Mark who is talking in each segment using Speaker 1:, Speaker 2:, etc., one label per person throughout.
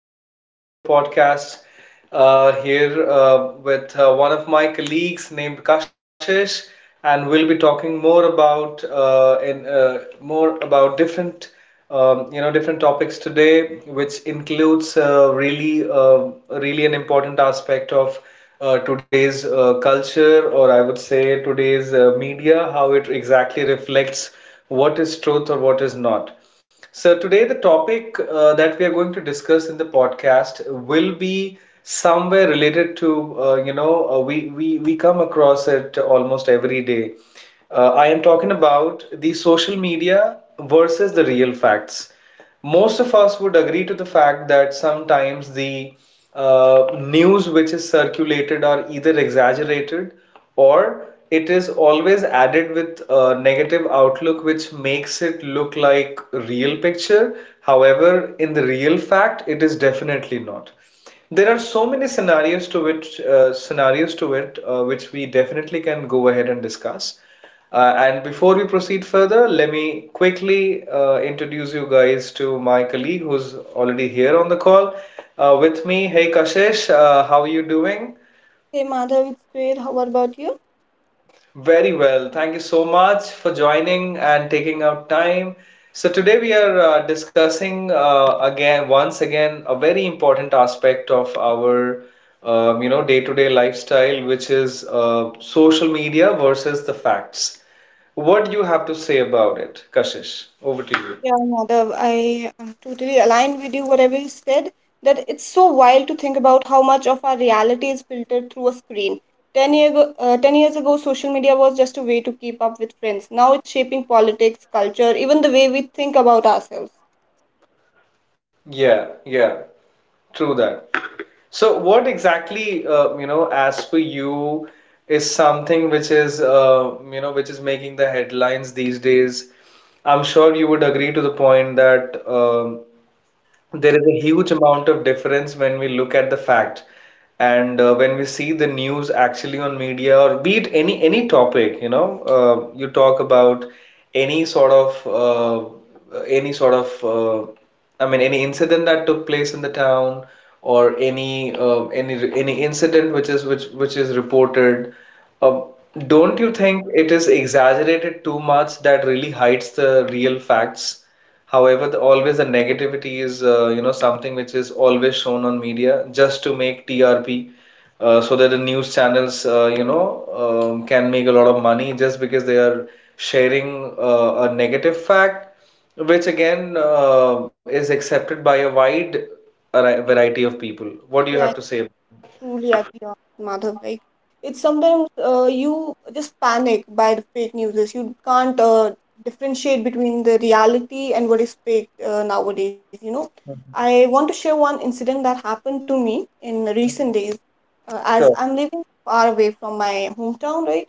Speaker 1: again with a new podcast. Here with one of my colleagues named Kashish, and we'll be talking more about more about different different topics today, which includes really an important aspect of today's culture, or I would say today's media, how it exactly reflects what is truth or what is not. So, today the topic that we are going to discuss in the podcast will be somewhere related to, we come across it almost every day. I am talking about the social media versus the real facts. Most of us would agree to the fact that sometimes the news which is circulated are either exaggerated, or it is always added with a negative outlook which makes it look like a real picture. However, in the real fact it is definitely not. There are so many scenarios to which scenarios to it which we definitely can go ahead and discuss. And before we proceed further, let me quickly introduce you guys to my colleague who's already here on the call with me. Hey Kashish, how are you doing?
Speaker 2: Hey Madhav, it's great. How about you?
Speaker 1: Very well. Thank you so much for joining and taking out time. So today we are discussing once again, a very important aspect of our, day-to-day lifestyle, which is social media versus the facts. What do you have to say about it, Kashish? Over to you.
Speaker 2: Yeah, Madhav, I am totally aligned with you, whatever you said, that it's so wild to think about how much of our reality is filtered through a screen. 10 years ago, social media was just a way to keep up with friends. Now it's shaping politics, culture, even the way we think about ourselves.
Speaker 1: Yeah, yeah. True that. So, what exactly, as for you, is something which is, which is making the headlines these days? I'm sure you would agree to the point that there is a huge amount of difference when we look at the fact, and when we see the news actually on media, or be it any topic, you know, you talk about any sort of any incident that took place in the town, or any incident which is which is reported. Uh, don't you think it is exaggerated too much that really hides the real facts? However, the, always the negativity is, something which is always shown on media just to make TRP, so that the news channels, can make a lot of money just because they are sharing a negative fact, which again is accepted by a wide variety of people. What do you have
Speaker 2: Yeah,
Speaker 1: to say?
Speaker 2: truly agree on it, Madhav. Like, it's sometimes, you just panic by the fake news. You can't differentiate between the reality and what is fake nowadays. You know, I want to share one incident that happened to me in recent days. As
Speaker 1: Sure.
Speaker 2: I'm living far away from my hometown, right?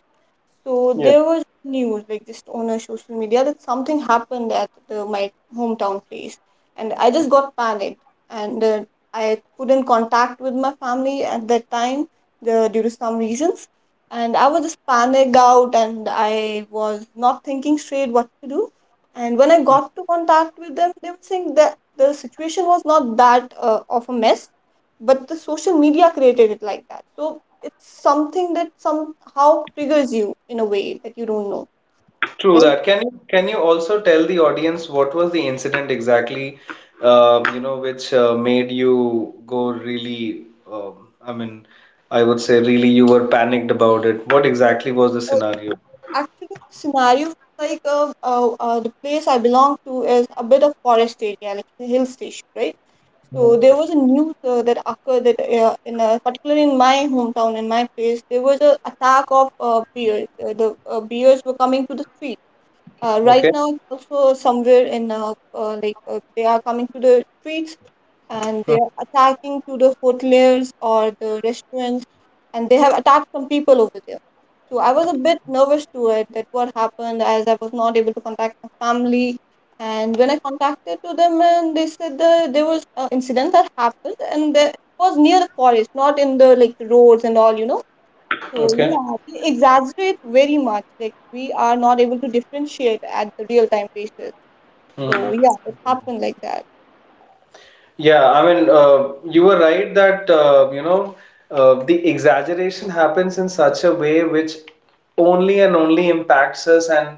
Speaker 2: So
Speaker 1: Yeah.
Speaker 2: there was news like just on a social media that something happened at my hometown place, and I just got panicked and I couldn't contact with my family at that time due to some reasons, and I was just panicked out and I was not thinking straight what to do, and when I got to contact with them, they were saying that the situation was not that of a mess, but the social media created it like that. So it's something that somehow triggers you in a way that you don't know,
Speaker 1: True
Speaker 2: right?
Speaker 1: that. Can you also tell the audience what was the incident exactly, which made you go really, um, I mean, I would say really you were panicked about it. What exactly was the
Speaker 2: Uh,
Speaker 1: scenario?
Speaker 2: Actually, the scenario, like the place I belong to is a bit of forest area, like a hill station, right? So
Speaker 1: Mhm.
Speaker 2: there was a news that occurred that in a, particularly in my hometown, in my place, there was a attack of bears. The bears were coming to the street. Right
Speaker 1: Okay,
Speaker 2: now, also somewhere in they are coming to the streets and they are attacking to the hoteliers or the restaurants, and they have attacked some people over there. So I was a bit nervous to it that what happened, as I was not able to contact my family. And when I contacted to them, and they said that there was an incident that happened, and it was near the forest, not in the like roads and all, you know. So
Speaker 1: okay.
Speaker 2: yeah, they exaggerate very much, like we are not able to differentiate at the real time basis. So
Speaker 1: Mhm.
Speaker 2: yeah, it happened like that.
Speaker 1: Yeah, I mean, you were right that the exaggeration happens in such a way which only and only impacts us, and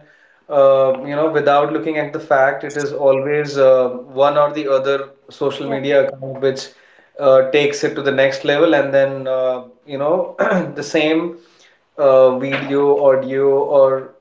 Speaker 1: without looking at the fact, it is always one or the other social
Speaker 2: Yeah,
Speaker 1: media account which takes it to the next level, and then the same video, audio, or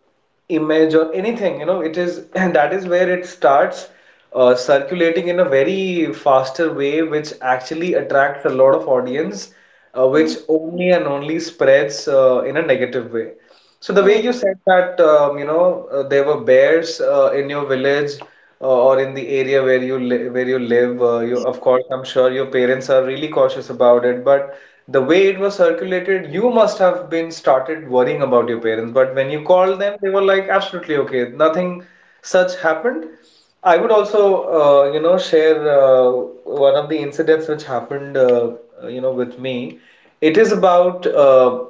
Speaker 1: image or anything, you know, it is, and that is where it starts circulating in a very faster way which actually attracts a lot of audience, which
Speaker 2: true.
Speaker 1: only and only spreads in a negative way. So the way you said that, there were bears in your village, or in the area where you li where you live, you, of course, I'm sure your parents are really cautious about it, but the way it was circulated, you must have been started worrying about your parents. But when you called them, they were like, absolutely okay, nothing such happened. I would also, share one of the incidents which happened, with me. It is about uh,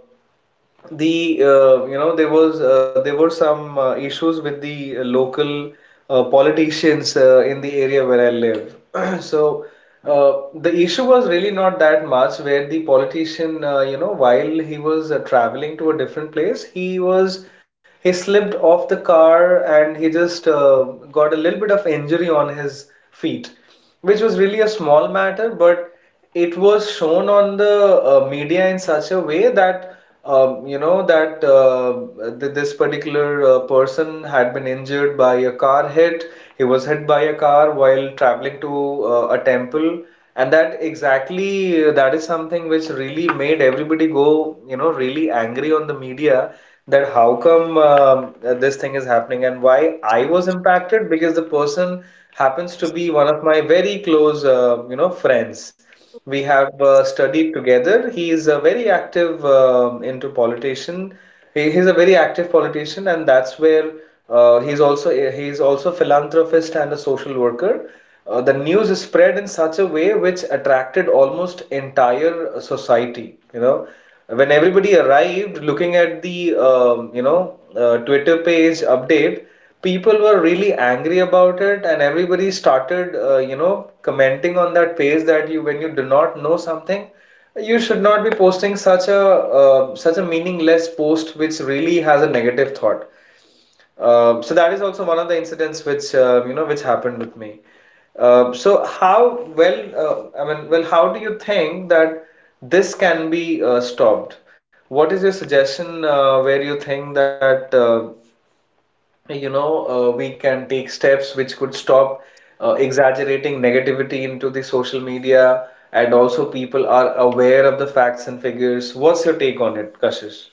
Speaker 1: the uh, you know there was there were some issues with the local politicians in the area where I live. So the issue was really not that much, where the politician, while he was traveling to a different place, he was he slipped off the car, and he just got a little bit of injury on his feet, which was really a small matter. But it was shown on the media in such a way that, that this particular person had been injured by a car hit. He was hit by a car while traveling to a temple, and that exactly that is something which really made everybody go, you know, really angry on the media, that how come this thing is happening. And why I was impacted, because the person happens to be one of my very close, friends. We have studied together. He is a very active into politician. He's a very active politician, and that's where uh, he's also he's also philanthropist and a social worker. The news is spread in such a way which attracted almost entire society. You know, when everybody arrived, looking at the Twitter page update, people were really angry about it, and everybody started commenting on that page, that you when you do not know something, you should not be posting such a such a meaningless post which really has a negative thought. So that is also one of the incidents which which happened with me. So how well how do you think that this can be stopped? What is your suggestion, where you think that, you know we can take steps which could stop exaggerating negativity into the social media, and also people are aware of the facts and figures. What's your take on it, Kashish?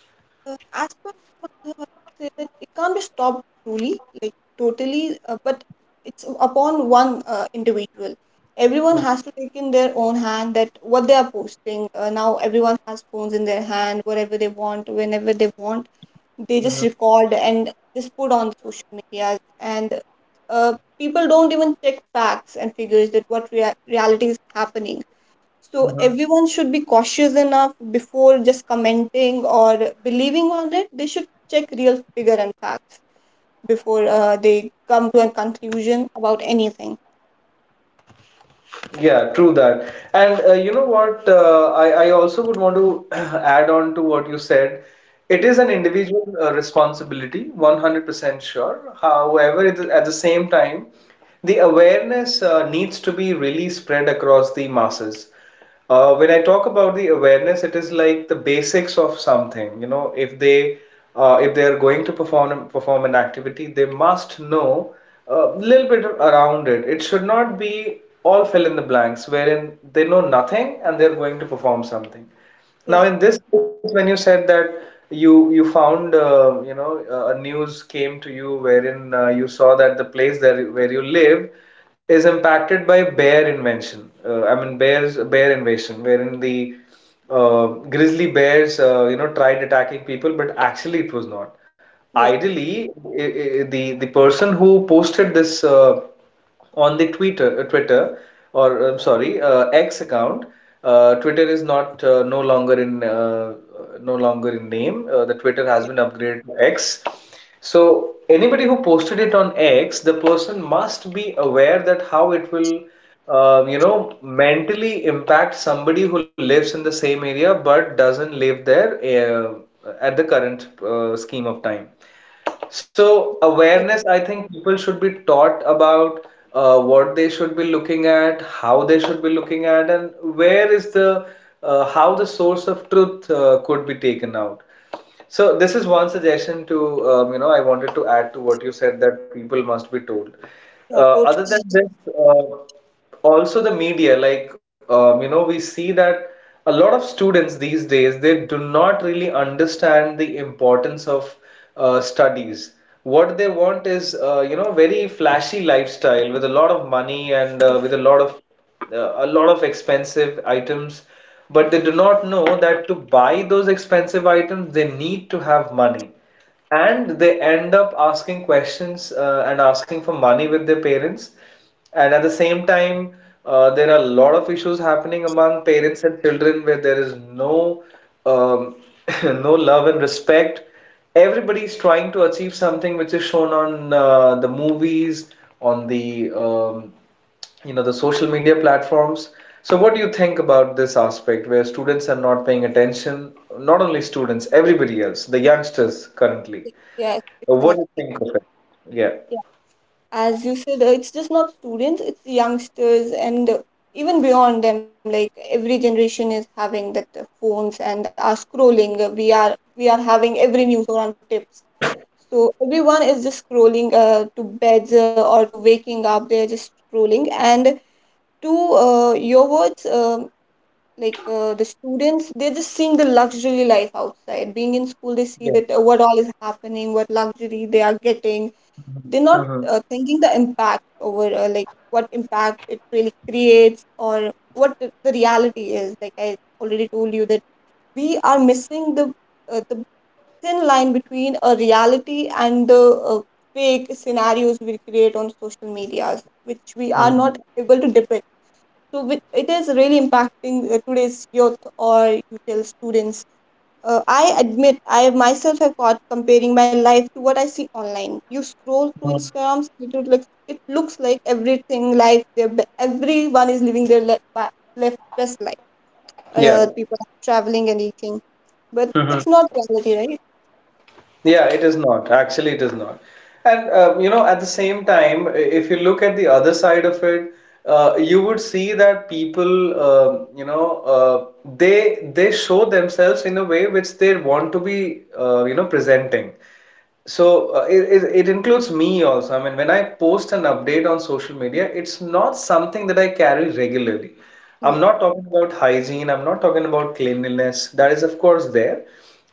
Speaker 2: As per me, what I would say, that it can't be stopped truly, like totally, but it's upon one individual. Everyone
Speaker 1: Mhm,
Speaker 2: has to take in their own hand that what they are posting. Now everyone has phones in their hand, whatever they want, whenever they want, they just
Speaker 1: mhm,
Speaker 2: record and just put on social medias. And uh, people don't even check facts and figures that what reality is happening. So
Speaker 1: mhm.
Speaker 2: everyone should be cautious enough before just commenting or believing on it. They should check real figure and facts before they come to a conclusion about anything.
Speaker 1: Yeah, true that. And, you know what? I also would want to add on to what you said. It is an
Speaker 2: Yeah,
Speaker 1: individual responsibility, 100% sure. However, it, is, at the same time, the awareness needs to be really spread across the masses. When I talk about the awareness, it is like the basics of something. You know, if they are going to perform an activity, they must know a little bit around it. It should not be all fill in the blanks, wherein they know nothing and they're going to perform something.
Speaker 2: yeah,
Speaker 1: Now, in this case, when you said that you found a news came to you wherein you saw that the place that where you live is impacted by bear invention. Bear invasion, wherein the uh, grizzly bears tried attacking people, but actually it was not.
Speaker 2: yeah,
Speaker 1: Ideally, I the person who posted this. On the Twitter, Twitter, or I'm sorry, X account. Twitter is not no longer in, no longer in name. The Twitter has been upgraded to X. So anybody who posted it on X, the person must be aware that how it will, mentally impact somebody who lives in the same area but doesn't live there uh, at the current scheme of time. So awareness, I think people should be taught about what they should be looking at, how they should be looking at, and where is the how the source of truth could be taken out. So this is one suggestion to, I wanted to add to what you said, that people must be told.
Speaker 2: yeah,
Speaker 1: Other than
Speaker 2: totally.
Speaker 1: this, also the media, like, we see that a lot of students these days, they do not really understand the importance of studies. What they want is very flashy lifestyle with a lot of money, and with a lot of expensive items, but they do not know that to buy those expensive items, they need to have money. And they end up asking questions and asking for money with their parents. And at the same time, there are a lot of issues happening among parents and children where there is no um, no love and respect. Everybody is trying to achieve something which is shown on the movies, on the the social media platforms. So what do you think about this aspect where students are not paying attention? Not only students, everybody else, the youngsters currently.
Speaker 2: Yeah,
Speaker 1: What
Speaker 2: exactly.
Speaker 1: do you
Speaker 2: Yeah,
Speaker 1: think of it? Yeah.
Speaker 2: as you said, it's just not students, it's youngsters and even beyond them. Like every generation is having that phones and are scrolling. We are having every news on tips. So everyone is just scrolling to beds or to waking up. They're just scrolling. And to your words, the students, they're just seeing the luxury life outside. Being in school, they see that
Speaker 1: Yes.
Speaker 2: what all is happening, what luxury they are getting. They're not
Speaker 1: Mm-hmm.
Speaker 2: thinking the impact over, like what impact it really creates, or what the reality is. Like, I already told you that we are missing the, the thin line between a reality and the, uh, fake scenarios we create on social medias, which we are not able to depict. So it is really impacting today's youth, or you tell students. Uh, I admit I myself have caught comparing my life to what I see online. You scroll through
Speaker 1: Mm-hmm.
Speaker 2: Instagram, it would looks it looks like everything life their be- everyone is living their life, left best life. People are traveling and eating, but
Speaker 1: Yeah.
Speaker 2: it's not reality, right?
Speaker 1: Yeah, it is not. Actually, it is not. And you know, at the same time, if you look at the other side of it, you would see that people, you know, uh, they show themselves in a way which they want to be, you know, presenting. So it includes me also. I mean, when I post an update on social media, it's not something that I carry regularly. I'm
Speaker 2: Yeah,
Speaker 1: not talking about hygiene. I'm not talking about cleanliness. That is, of course, there.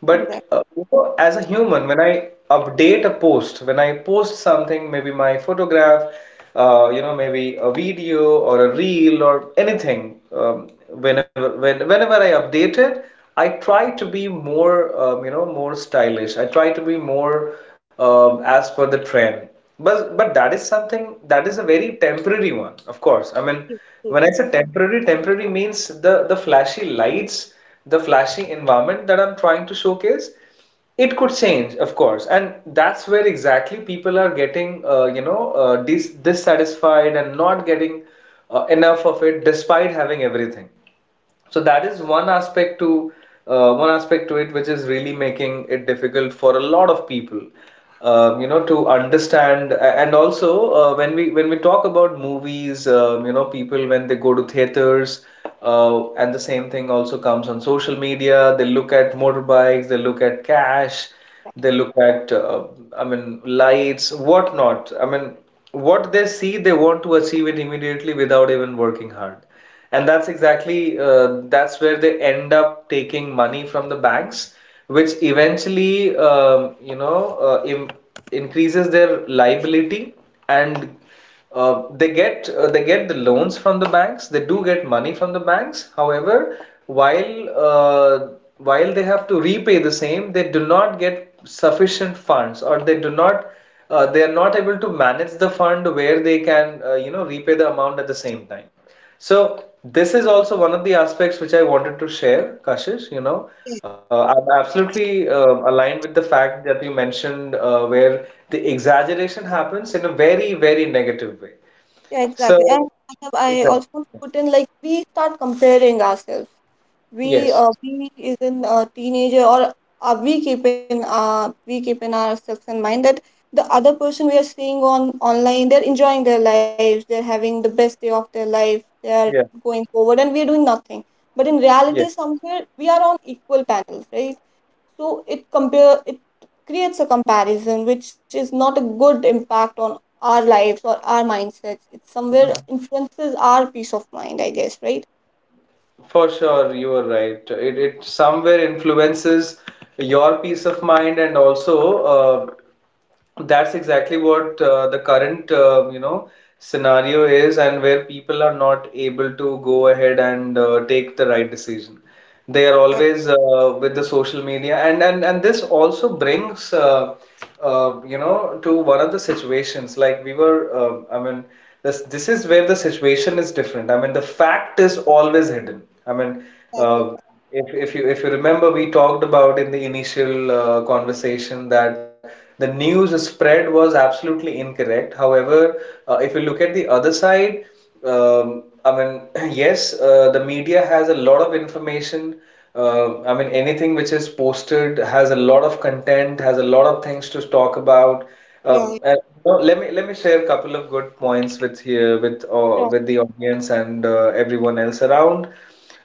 Speaker 1: But
Speaker 2: exactly.
Speaker 1: you know, as a human, when I update a post, when I post something, maybe my photograph, you know, maybe a video or a reel or anything, whenever I update it, I try to be more, you know, more stylish. I try to be more as per the trend. But that is something that is a very temporary one, of course. I mean, when I say temporary, temporary means the flashy lights, the flashy environment that I'm trying to showcase. It could change, of course, and that's where exactly people are getting, you know, dissatisfied and not getting enough of it, despite having everything. So that is one aspect to it, which is really making it difficult for a lot of people, you know, to understand. And also, when we talk about movies, you know, people when they go to theaters, and the same thing also comes on social media. They look at motorbikes, they look at cash, they look at, I mean, lights, whatnot. I mean, what they see, they want to achieve it immediately without even working hard. And that's exactly that's where they end up taking money from the banks, which eventually you know im increases their liability, and they get the loans from the banks. They do get money from the banks. However, while uh, while they have to repay the same, they do not get sufficient funds, or they are not able to manage the fund where they can you know repay the amount at the same time. So this is also one of the aspects which I wanted to share, Kashish. You know, I'm absolutely aligned with the fact that you mentioned where the exaggeration happens in a very, very negative way.
Speaker 2: Yeah,
Speaker 1: So,
Speaker 2: exactly. And I have, I
Speaker 1: exactly.
Speaker 2: also put in, like we start comparing ourselves. We,
Speaker 1: Yes.
Speaker 2: we is in a teenager, or we keep in ourselves in mind that the other person we are seeing on online, they're enjoying their lives, they're having the best day of their life, they're
Speaker 1: Yeah.
Speaker 2: going forward, and we're doing nothing. But in
Speaker 1: Yeah.
Speaker 2: reality, somewhere we are on equal panels, right? So it creates a comparison which is not a good impact on our lives or our mindsets. It somewhere
Speaker 1: Mhm.
Speaker 2: influences our peace of mind, I guess, right?
Speaker 1: For sure, you are right. It somewhere influences your peace of mind and also uh, that's exactly what the current you know scenario is, and where people are not able to go ahead and take the right decision. They are
Speaker 2: that's
Speaker 1: always with the social media, and this also brings you know to one of the situations. Like we were, I mean, this is where the situation is different. I mean, the fact is always hidden. I mean,
Speaker 2: like
Speaker 1: uh, if you remember, we talked about in the initial conversation that the news spread was absolutely incorrect. However, if you look at the other side. I mean, yes, the media has a lot of information. I mean, anything which is posted has a lot of content, has a lot of things to talk about.
Speaker 2: yeah,
Speaker 1: And, you know, let me share a couple of good points with here
Speaker 2: sure.
Speaker 1: with the audience and everyone else around.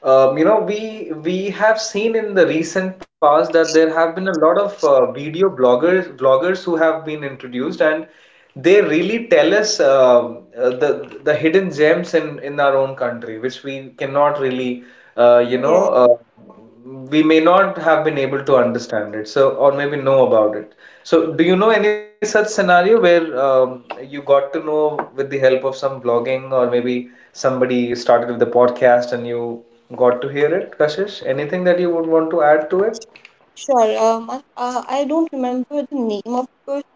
Speaker 1: You know, we have seen in the recent past that there have been a lot of video bloggers who have been introduced, and they really tell us the hidden gems in our own country, which we cannot really, you know,
Speaker 2: Yeah.
Speaker 1: we may not have been able to understand it, so or maybe know about it. So, do you know any such scenario where you got to know with the help of some blogging or maybe somebody started with the podcast and you got to hear it, Kashish? Anything that you would want to add to it?
Speaker 2: Sure. I don't remember the name of the person,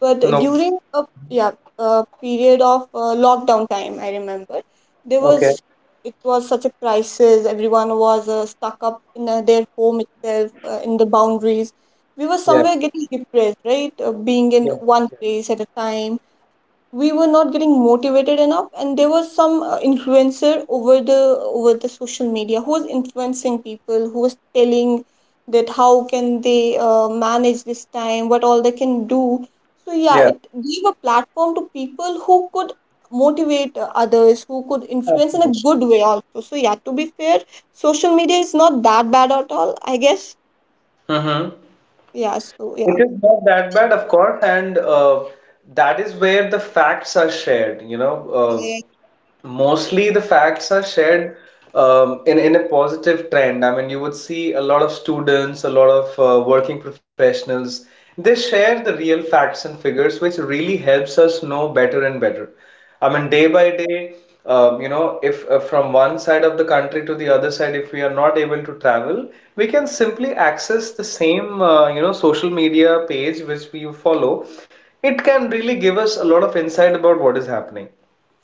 Speaker 2: but
Speaker 1: No.
Speaker 2: during a yeah, a period of lockdown time, I remember there
Speaker 1: Okay.
Speaker 2: was, it was such a crisis. Everyone was stuck up in their home itself, in the boundaries. We were
Speaker 1: Yeah.
Speaker 2: somewhere getting depressed, right?
Speaker 1: Yeah.
Speaker 2: Being in one place at a time, we were not getting motivated enough, and there was some influencer over the, over the social media who was influencing people, who was telling that how can they manage this time, what all they can do. So yeah,
Speaker 1: Yeah.
Speaker 2: it gave a platform to people who could motivate others, who could influence in a
Speaker 1: Absolutely.
Speaker 2: good way also. So yeah, to be fair, social media is not that bad at all, I guess.
Speaker 1: Mm-hmm.
Speaker 2: Yeah, so yeah.
Speaker 1: It is not that bad, of course, and that is where the facts are shared. You know,
Speaker 2: Yeah.
Speaker 1: mostly the facts are shared in a positive trend. I mean, you would see a lot of students, a lot of working professionals. They share the real facts and figures, which really helps us know better and better. I mean, day by day, you know, if from one side of the country to the other side, if we are not able to travel, we can simply access the same, you know, social media page which we follow. It can really give us a lot of insight about what is happening.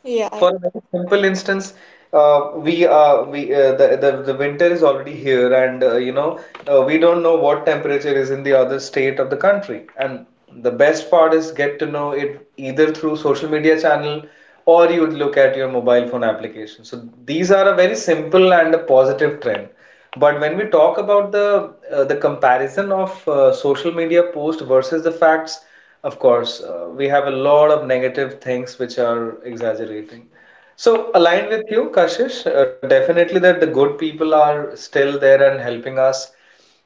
Speaker 2: Yeah.
Speaker 1: For a very simple instance, uh, we uh, we uh, the, the winter is already here, and you know we don't know what temperature is in the other state of the country. And the best part is get to know it either through social media channel or you would look at your mobile phone application. So these are a very simple and a positive trend. But when we talk about the comparison of social media post versus the facts, of course, we have a lot of negative things which are exaggerating. So, aligned with you, Kashish, definitely that the good people are still there and helping us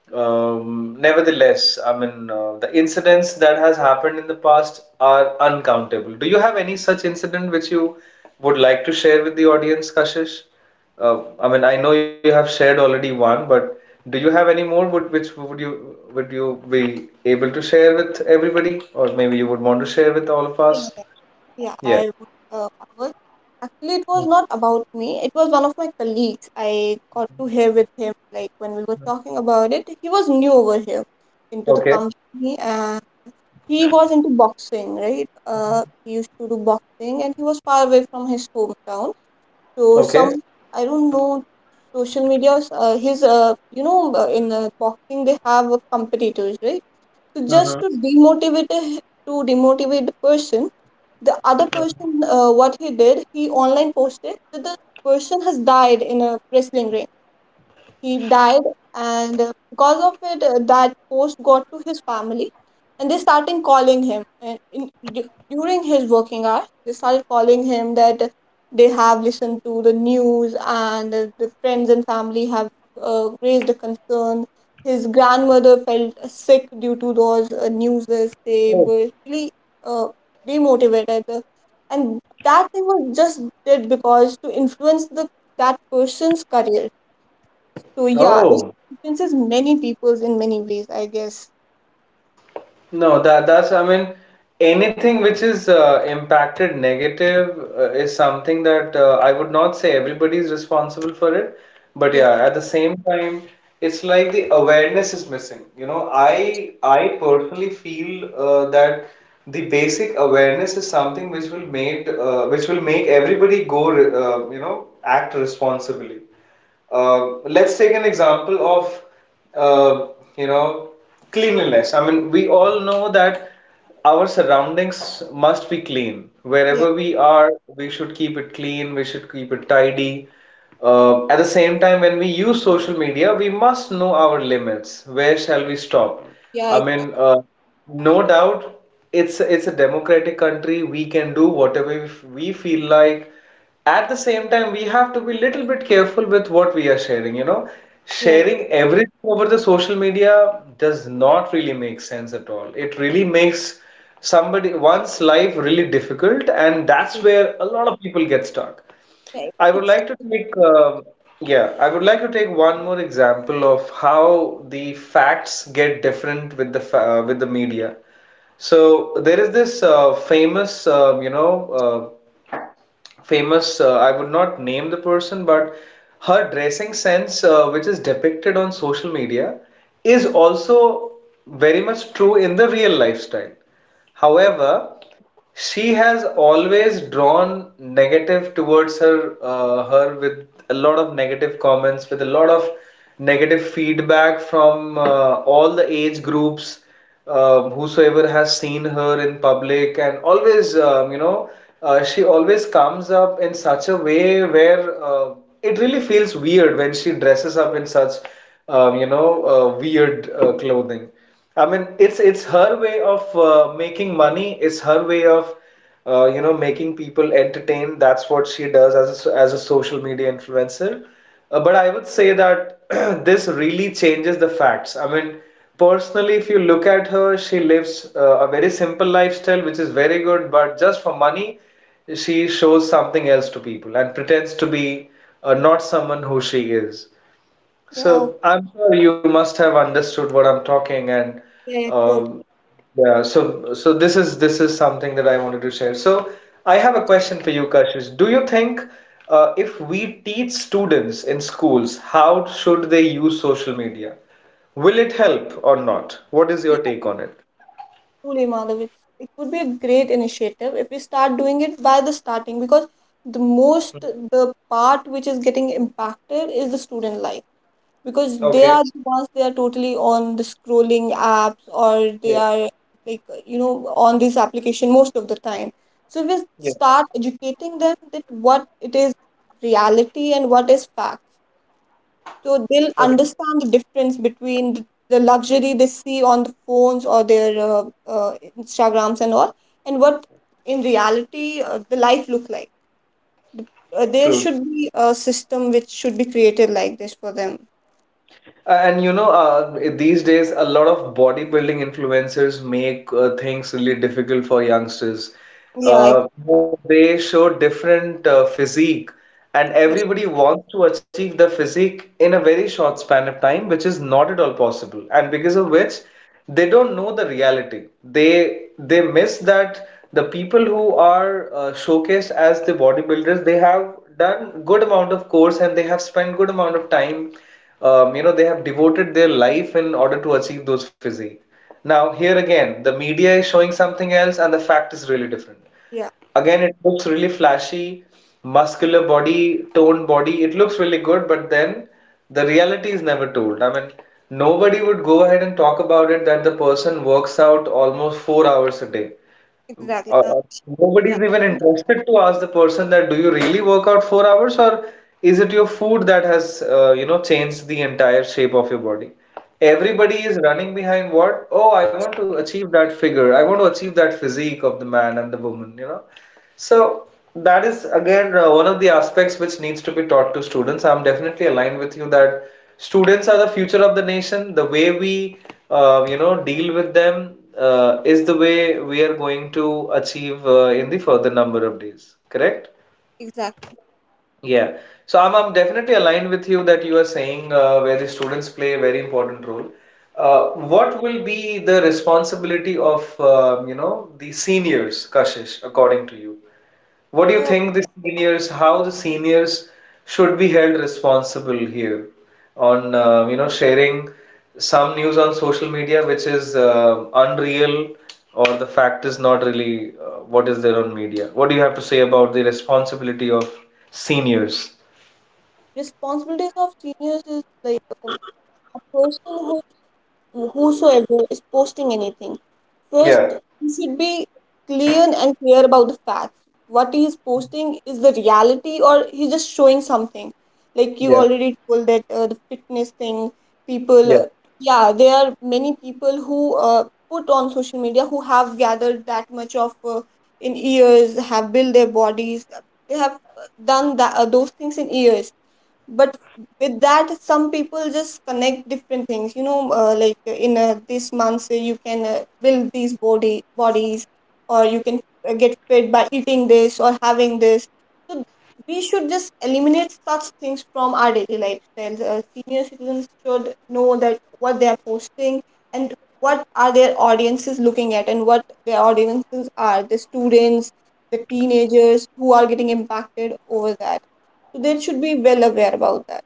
Speaker 1: nevertheless, I mean, the incidents that has happened in the past are uncountable. Do you have any such incident which you would like to share with the audience, Kashish? I mean, I know you have shared already one, but do you have any more which would you be able to share with everybody, or maybe you would want to share with all of us?
Speaker 2: Yeah,
Speaker 1: Yeah.
Speaker 2: I would. I was actually, it was not about me. It was one of my colleagues. I got to hear with him like when we were talking about it. He was new over here into the
Speaker 1: Okay.
Speaker 2: company, and he was into boxing, right? He used to do boxing, and he was far away from his hometown. So some,
Speaker 1: Okay.
Speaker 2: I don't know, social media. His, you know, in boxing they have competitors, right? So just to
Speaker 1: Mm-hmm.
Speaker 2: demotivate to demotivate the person, the other person, what he did, he online posted that the person has died in a wrestling ring, he died. And because of it, that post got to his family, and they started calling him and in, during his working hours they started calling him, that they have listened to the news, and the friends and family have raised a concern. His grandmother felt sick due to those news. They
Speaker 1: Oh.
Speaker 2: were really uh, demotivated, and that thing was just did, because to influence the, that person's career. So yeah, it
Speaker 1: Oh.
Speaker 2: influences many peoples in many ways, I guess.
Speaker 1: No, that's I mean, anything which is impacted negative is something that I would not say everybody is responsible for it, but
Speaker 2: Yeah,
Speaker 1: yeah, at the same time, it's like the awareness is missing. You know, I personally feel that the basic awareness is something which will make everybody you know act responsibly. Let's take an example of uh, you know cleanliness. I mean, we all know that our surroundings must be clean.
Speaker 2: yeah,
Speaker 1: Wherever we are, we should keep it clean. We should keep it tidy. At the same time, when we use social media, we must know our limits. Where shall we stop?
Speaker 2: yeah,
Speaker 1: I
Speaker 2: exactly.
Speaker 1: mean, no doubt, it's a democratic country. We can do whatever we feel like. At the same time, we have to be little bit careful with what we are sharing, you know.
Speaker 2: Yeah,
Speaker 1: Sharing everything over the social media does not really make sense at all. It really makes somebody one's life really difficult, and that's
Speaker 2: it-
Speaker 1: where a lot of people get stuck.
Speaker 2: yeah,
Speaker 1: I would
Speaker 2: it's
Speaker 1: like to take yeah, I would like to take one more example of how the facts get different with with the media. So there is this famous you know uh, famous I would not name the person, but her dressing sense, which is depicted on social media, is also very much true in the real lifestyle.
Speaker 2: true.
Speaker 1: However, she has always drawn negative towards her, with a lot of negative comments, with a lot of negative feedback from all the age groups, whosoever has seen her in public. And always you know she always comes up in such a way where it really feels weird when she dresses up in such you know weird clothing. I mean, it's her way of making money. It's her way of you know making people entertained. That's what she does as a, as a social media influencer. Uh, but I would say that this really changes the facts. I mean, personally, if you look at her, she lives a very simple lifestyle, which is very good, but just for money, she shows something else to people and pretends to be not someone who she is.
Speaker 2: Yeah, okay,
Speaker 1: So I'm sure you must have understood what I'm talking. And
Speaker 2: yeah, totally.
Speaker 1: um, yeah, so so this is something that I wanted to share. So I have a question for you, Kashish. Do you think if we teach students in schools how should they use social media, will it help or not? What is
Speaker 2: Yeah,
Speaker 1: your take on it?
Speaker 2: truly, Madhav, it's, it would be a great initiative if we start doing it by the starting, because the part which is getting impacted is the student life, because they
Speaker 1: Okay.
Speaker 2: are the ones, they are totally on the scrolling apps, or they
Speaker 1: Yeah.
Speaker 2: are, like you know, on this application most of the time. So we
Speaker 1: Yeah.
Speaker 2: start educating them that what it is reality and what is fact, so they'll
Speaker 1: Okay.
Speaker 2: understand the difference between the luxury they see on the phones, or their, Instagrams and all, and what in reality the life look like. The- there
Speaker 1: True.
Speaker 2: should be a system which should be created like this for them.
Speaker 1: And you know, these days, a lot of bodybuilding influencers make things really difficult for youngsters.
Speaker 2: yeah ex-
Speaker 1: Uh, they show different physique, and
Speaker 2: yeah.
Speaker 1: everybody wants to achieve the physique in a very short span of time, which is not at all possible. And because of which, they don't know the reality they they miss that the people who are showcased as the bodybuilders, they have done good amount of course and they have spent good amount of time. You know, they have devoted their life in order to achieve those physique. Now here again the media is showing something else and the fact is really different.
Speaker 2: Yeah.
Speaker 1: Again, it looks really flashy, muscular body, toned body. It looks really good, but then the reality is never told. I mean, nobody would go ahead and talk about it that the person works out almost 4 hours a day.
Speaker 2: Exactly.
Speaker 1: Uh,
Speaker 2: Yeah,
Speaker 1: Nobody's even interested to ask the person that do you really work out 4 hours, or is it your food that has you know changed the entire shape of your body? Everybody is running behind what? Oh, I want to achieve that figure. I want to achieve that physique of the man and the woman, you know? So that is again one of the aspects which needs to be taught to students. I'm definitely aligned with you that students are the future of the nation. The way we you know deal with them is the way we are going to achieve in the further number of days. Correct?
Speaker 2: exactly.
Speaker 1: Yeah. So I'm definitely aligned with you that you are saying where the students play a very important role. What will be the responsibility of you know the seniors, Kashish, according to you? What do you
Speaker 2: Uh,
Speaker 1: think the seniors, how the seniors should be held responsible here on you know sharing some news on social media which is unreal, or the fact is not really what is there on media? What do you have to say about the responsibility of seniors?
Speaker 2: responsibilities of seniors is like, um, a person who, whosoever is posting anything, first,
Speaker 1: Yeah,
Speaker 2: you should be clear and clear about the facts. What he is posting is the reality, or he's just showing something. Like you
Speaker 1: yeah.
Speaker 2: already told that the fitness thing, people, yeah, there are many people who put on social media, who have gathered that much of in years, have built their bodies, they have done that, those things in years. But with that, some people just connect different things, you know, like in this month, say you can build these body bodies, or you can get fit by eating this or having this. So we should just eliminate such things from our daily lifestyles. Uh, senior citizens should know that what they are posting, and what are their audiences looking at, and what their audiences are, the students, the teenagers who are getting impacted over that. So they should be well aware about that.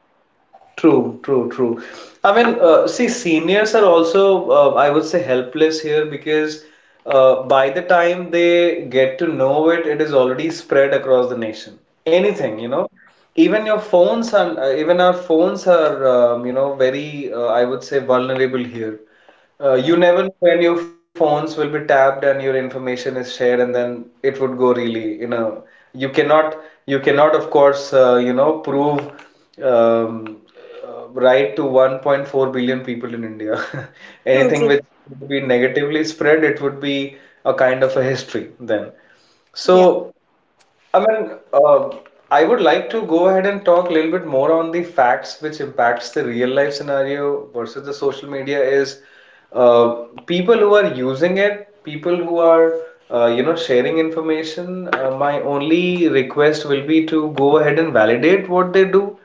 Speaker 1: True, true, true. I mean, see, seniors are also, I would say, helpless here because by the time they get to know it, it is already spread across the nation. Anything, you know, even your phones and even our phones are, you know, very, I would say, vulnerable here. You
Speaker 2: Yeah,
Speaker 1: never know when your phones will be tapped and your information is shared, and then it would go really, you know, you cannot, you cannot, of course, you know, prove um, right to 1.4 billion people in India.
Speaker 2: true,
Speaker 1: Anything
Speaker 2: true.
Speaker 1: which would be negatively spread, it would be a kind of a history then.
Speaker 2: Yeah.
Speaker 1: So I mean, I would like to go ahead and talk a little bit more on the facts which impacts the real life scenario versus the social media is uh, people who are using it, people who are you know sharing information. My only request will be to go ahead and validate what they do.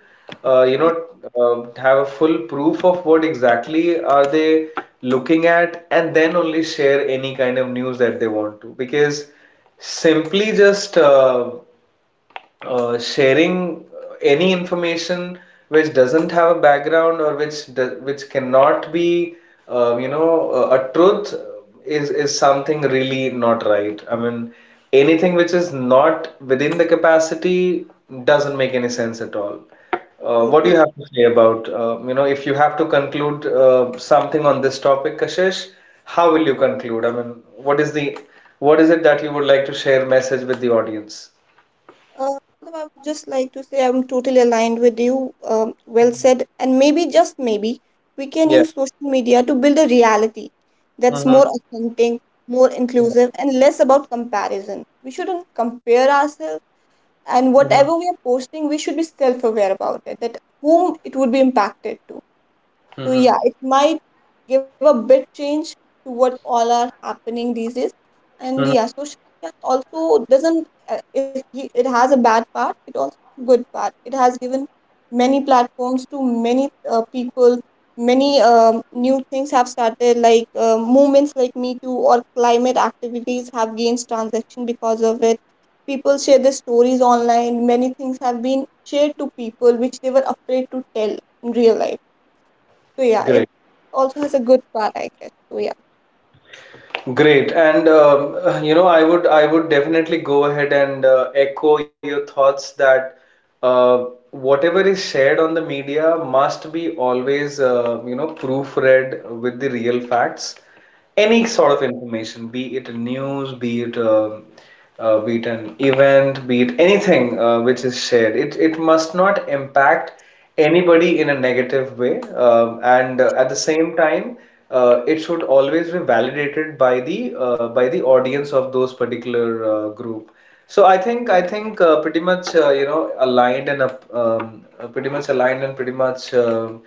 Speaker 1: You know, have a full proof of what exactly are they looking at, and then only share any kind of news that they want to, because simply just sharing any information which doesn't have a background or which do, which cannot be you know a truth, is something really not right. I mean, anything which is not within the capacity doesn't make any sense at all.
Speaker 2: True,
Speaker 1: What do
Speaker 2: true.
Speaker 1: you have to say about you know, if you have to conclude something on this topic, Kashish, how will you conclude? I mean, what is the, what is it that you would like to share message with the audience?
Speaker 2: Uh, Madam, I would just like to say I'm totally aligned with you. Well said. And maybe, just maybe, we can
Speaker 1: Yeah.
Speaker 2: use social media to build a reality that's
Speaker 1: Mm-hmm.
Speaker 2: more authentic, more
Speaker 1: Yeah.
Speaker 2: inclusive, and less about comparison. We shouldn't compare ourselves. And
Speaker 1: Mm-hmm.
Speaker 2: whatever we are posting, we should be self aware about it, that whom it would be impacted to. So
Speaker 1: Mm-hmm.
Speaker 2: yeah, it might give a bit change to what all are happening these days. And yeah,
Speaker 1: Mm-hmm.
Speaker 2: social media also doesn't. If it has a bad part, it also has a good part. It has given many platforms to many people. Many new things have started, like movements like Me Too, or climate activities have gained transaction because of it. People share their stories online. Many things have been shared to people which they were afraid to tell in real life. So yeah, it
Speaker 1: Great.
Speaker 2: also has a good part, I guess. So yeah,
Speaker 1: Great. And you know, I would definitely go ahead and echo your thoughts that uh, whatever is shared on the media must be always you know proofread with the real facts. Any sort of information, be it news, be it an event, be it anything which is shared. It must not impact anybody in a negative way, and at the same time, it should always be validated by the audience of those particular group. So I think pretty much you know aligned and pretty much aligned and pretty much um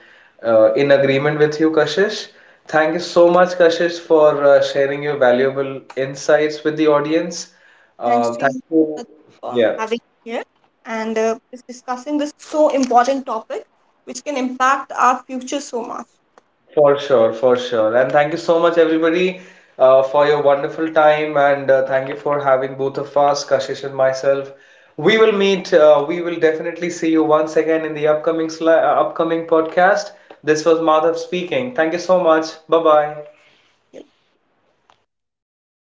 Speaker 1: uh, in agreement with you, Kashish. Thank you so much, Kashish, for sharing your valuable insights with the audience.
Speaker 2: thanks to
Speaker 1: Thank
Speaker 2: you
Speaker 1: you.
Speaker 2: for
Speaker 1: Yeah,
Speaker 2: having me here, and is discussing this so important topic, which can impact our future so much.
Speaker 1: for sure, for sure. And thank you so much, everybody, for your wonderful time. And thank you for having both of us, Kashish and myself. We will meet. We will definitely see you once again in the upcoming sli upcoming podcast. This was Madhav speaking. Thank you so much. Bye bye.
Speaker 2: Yeah.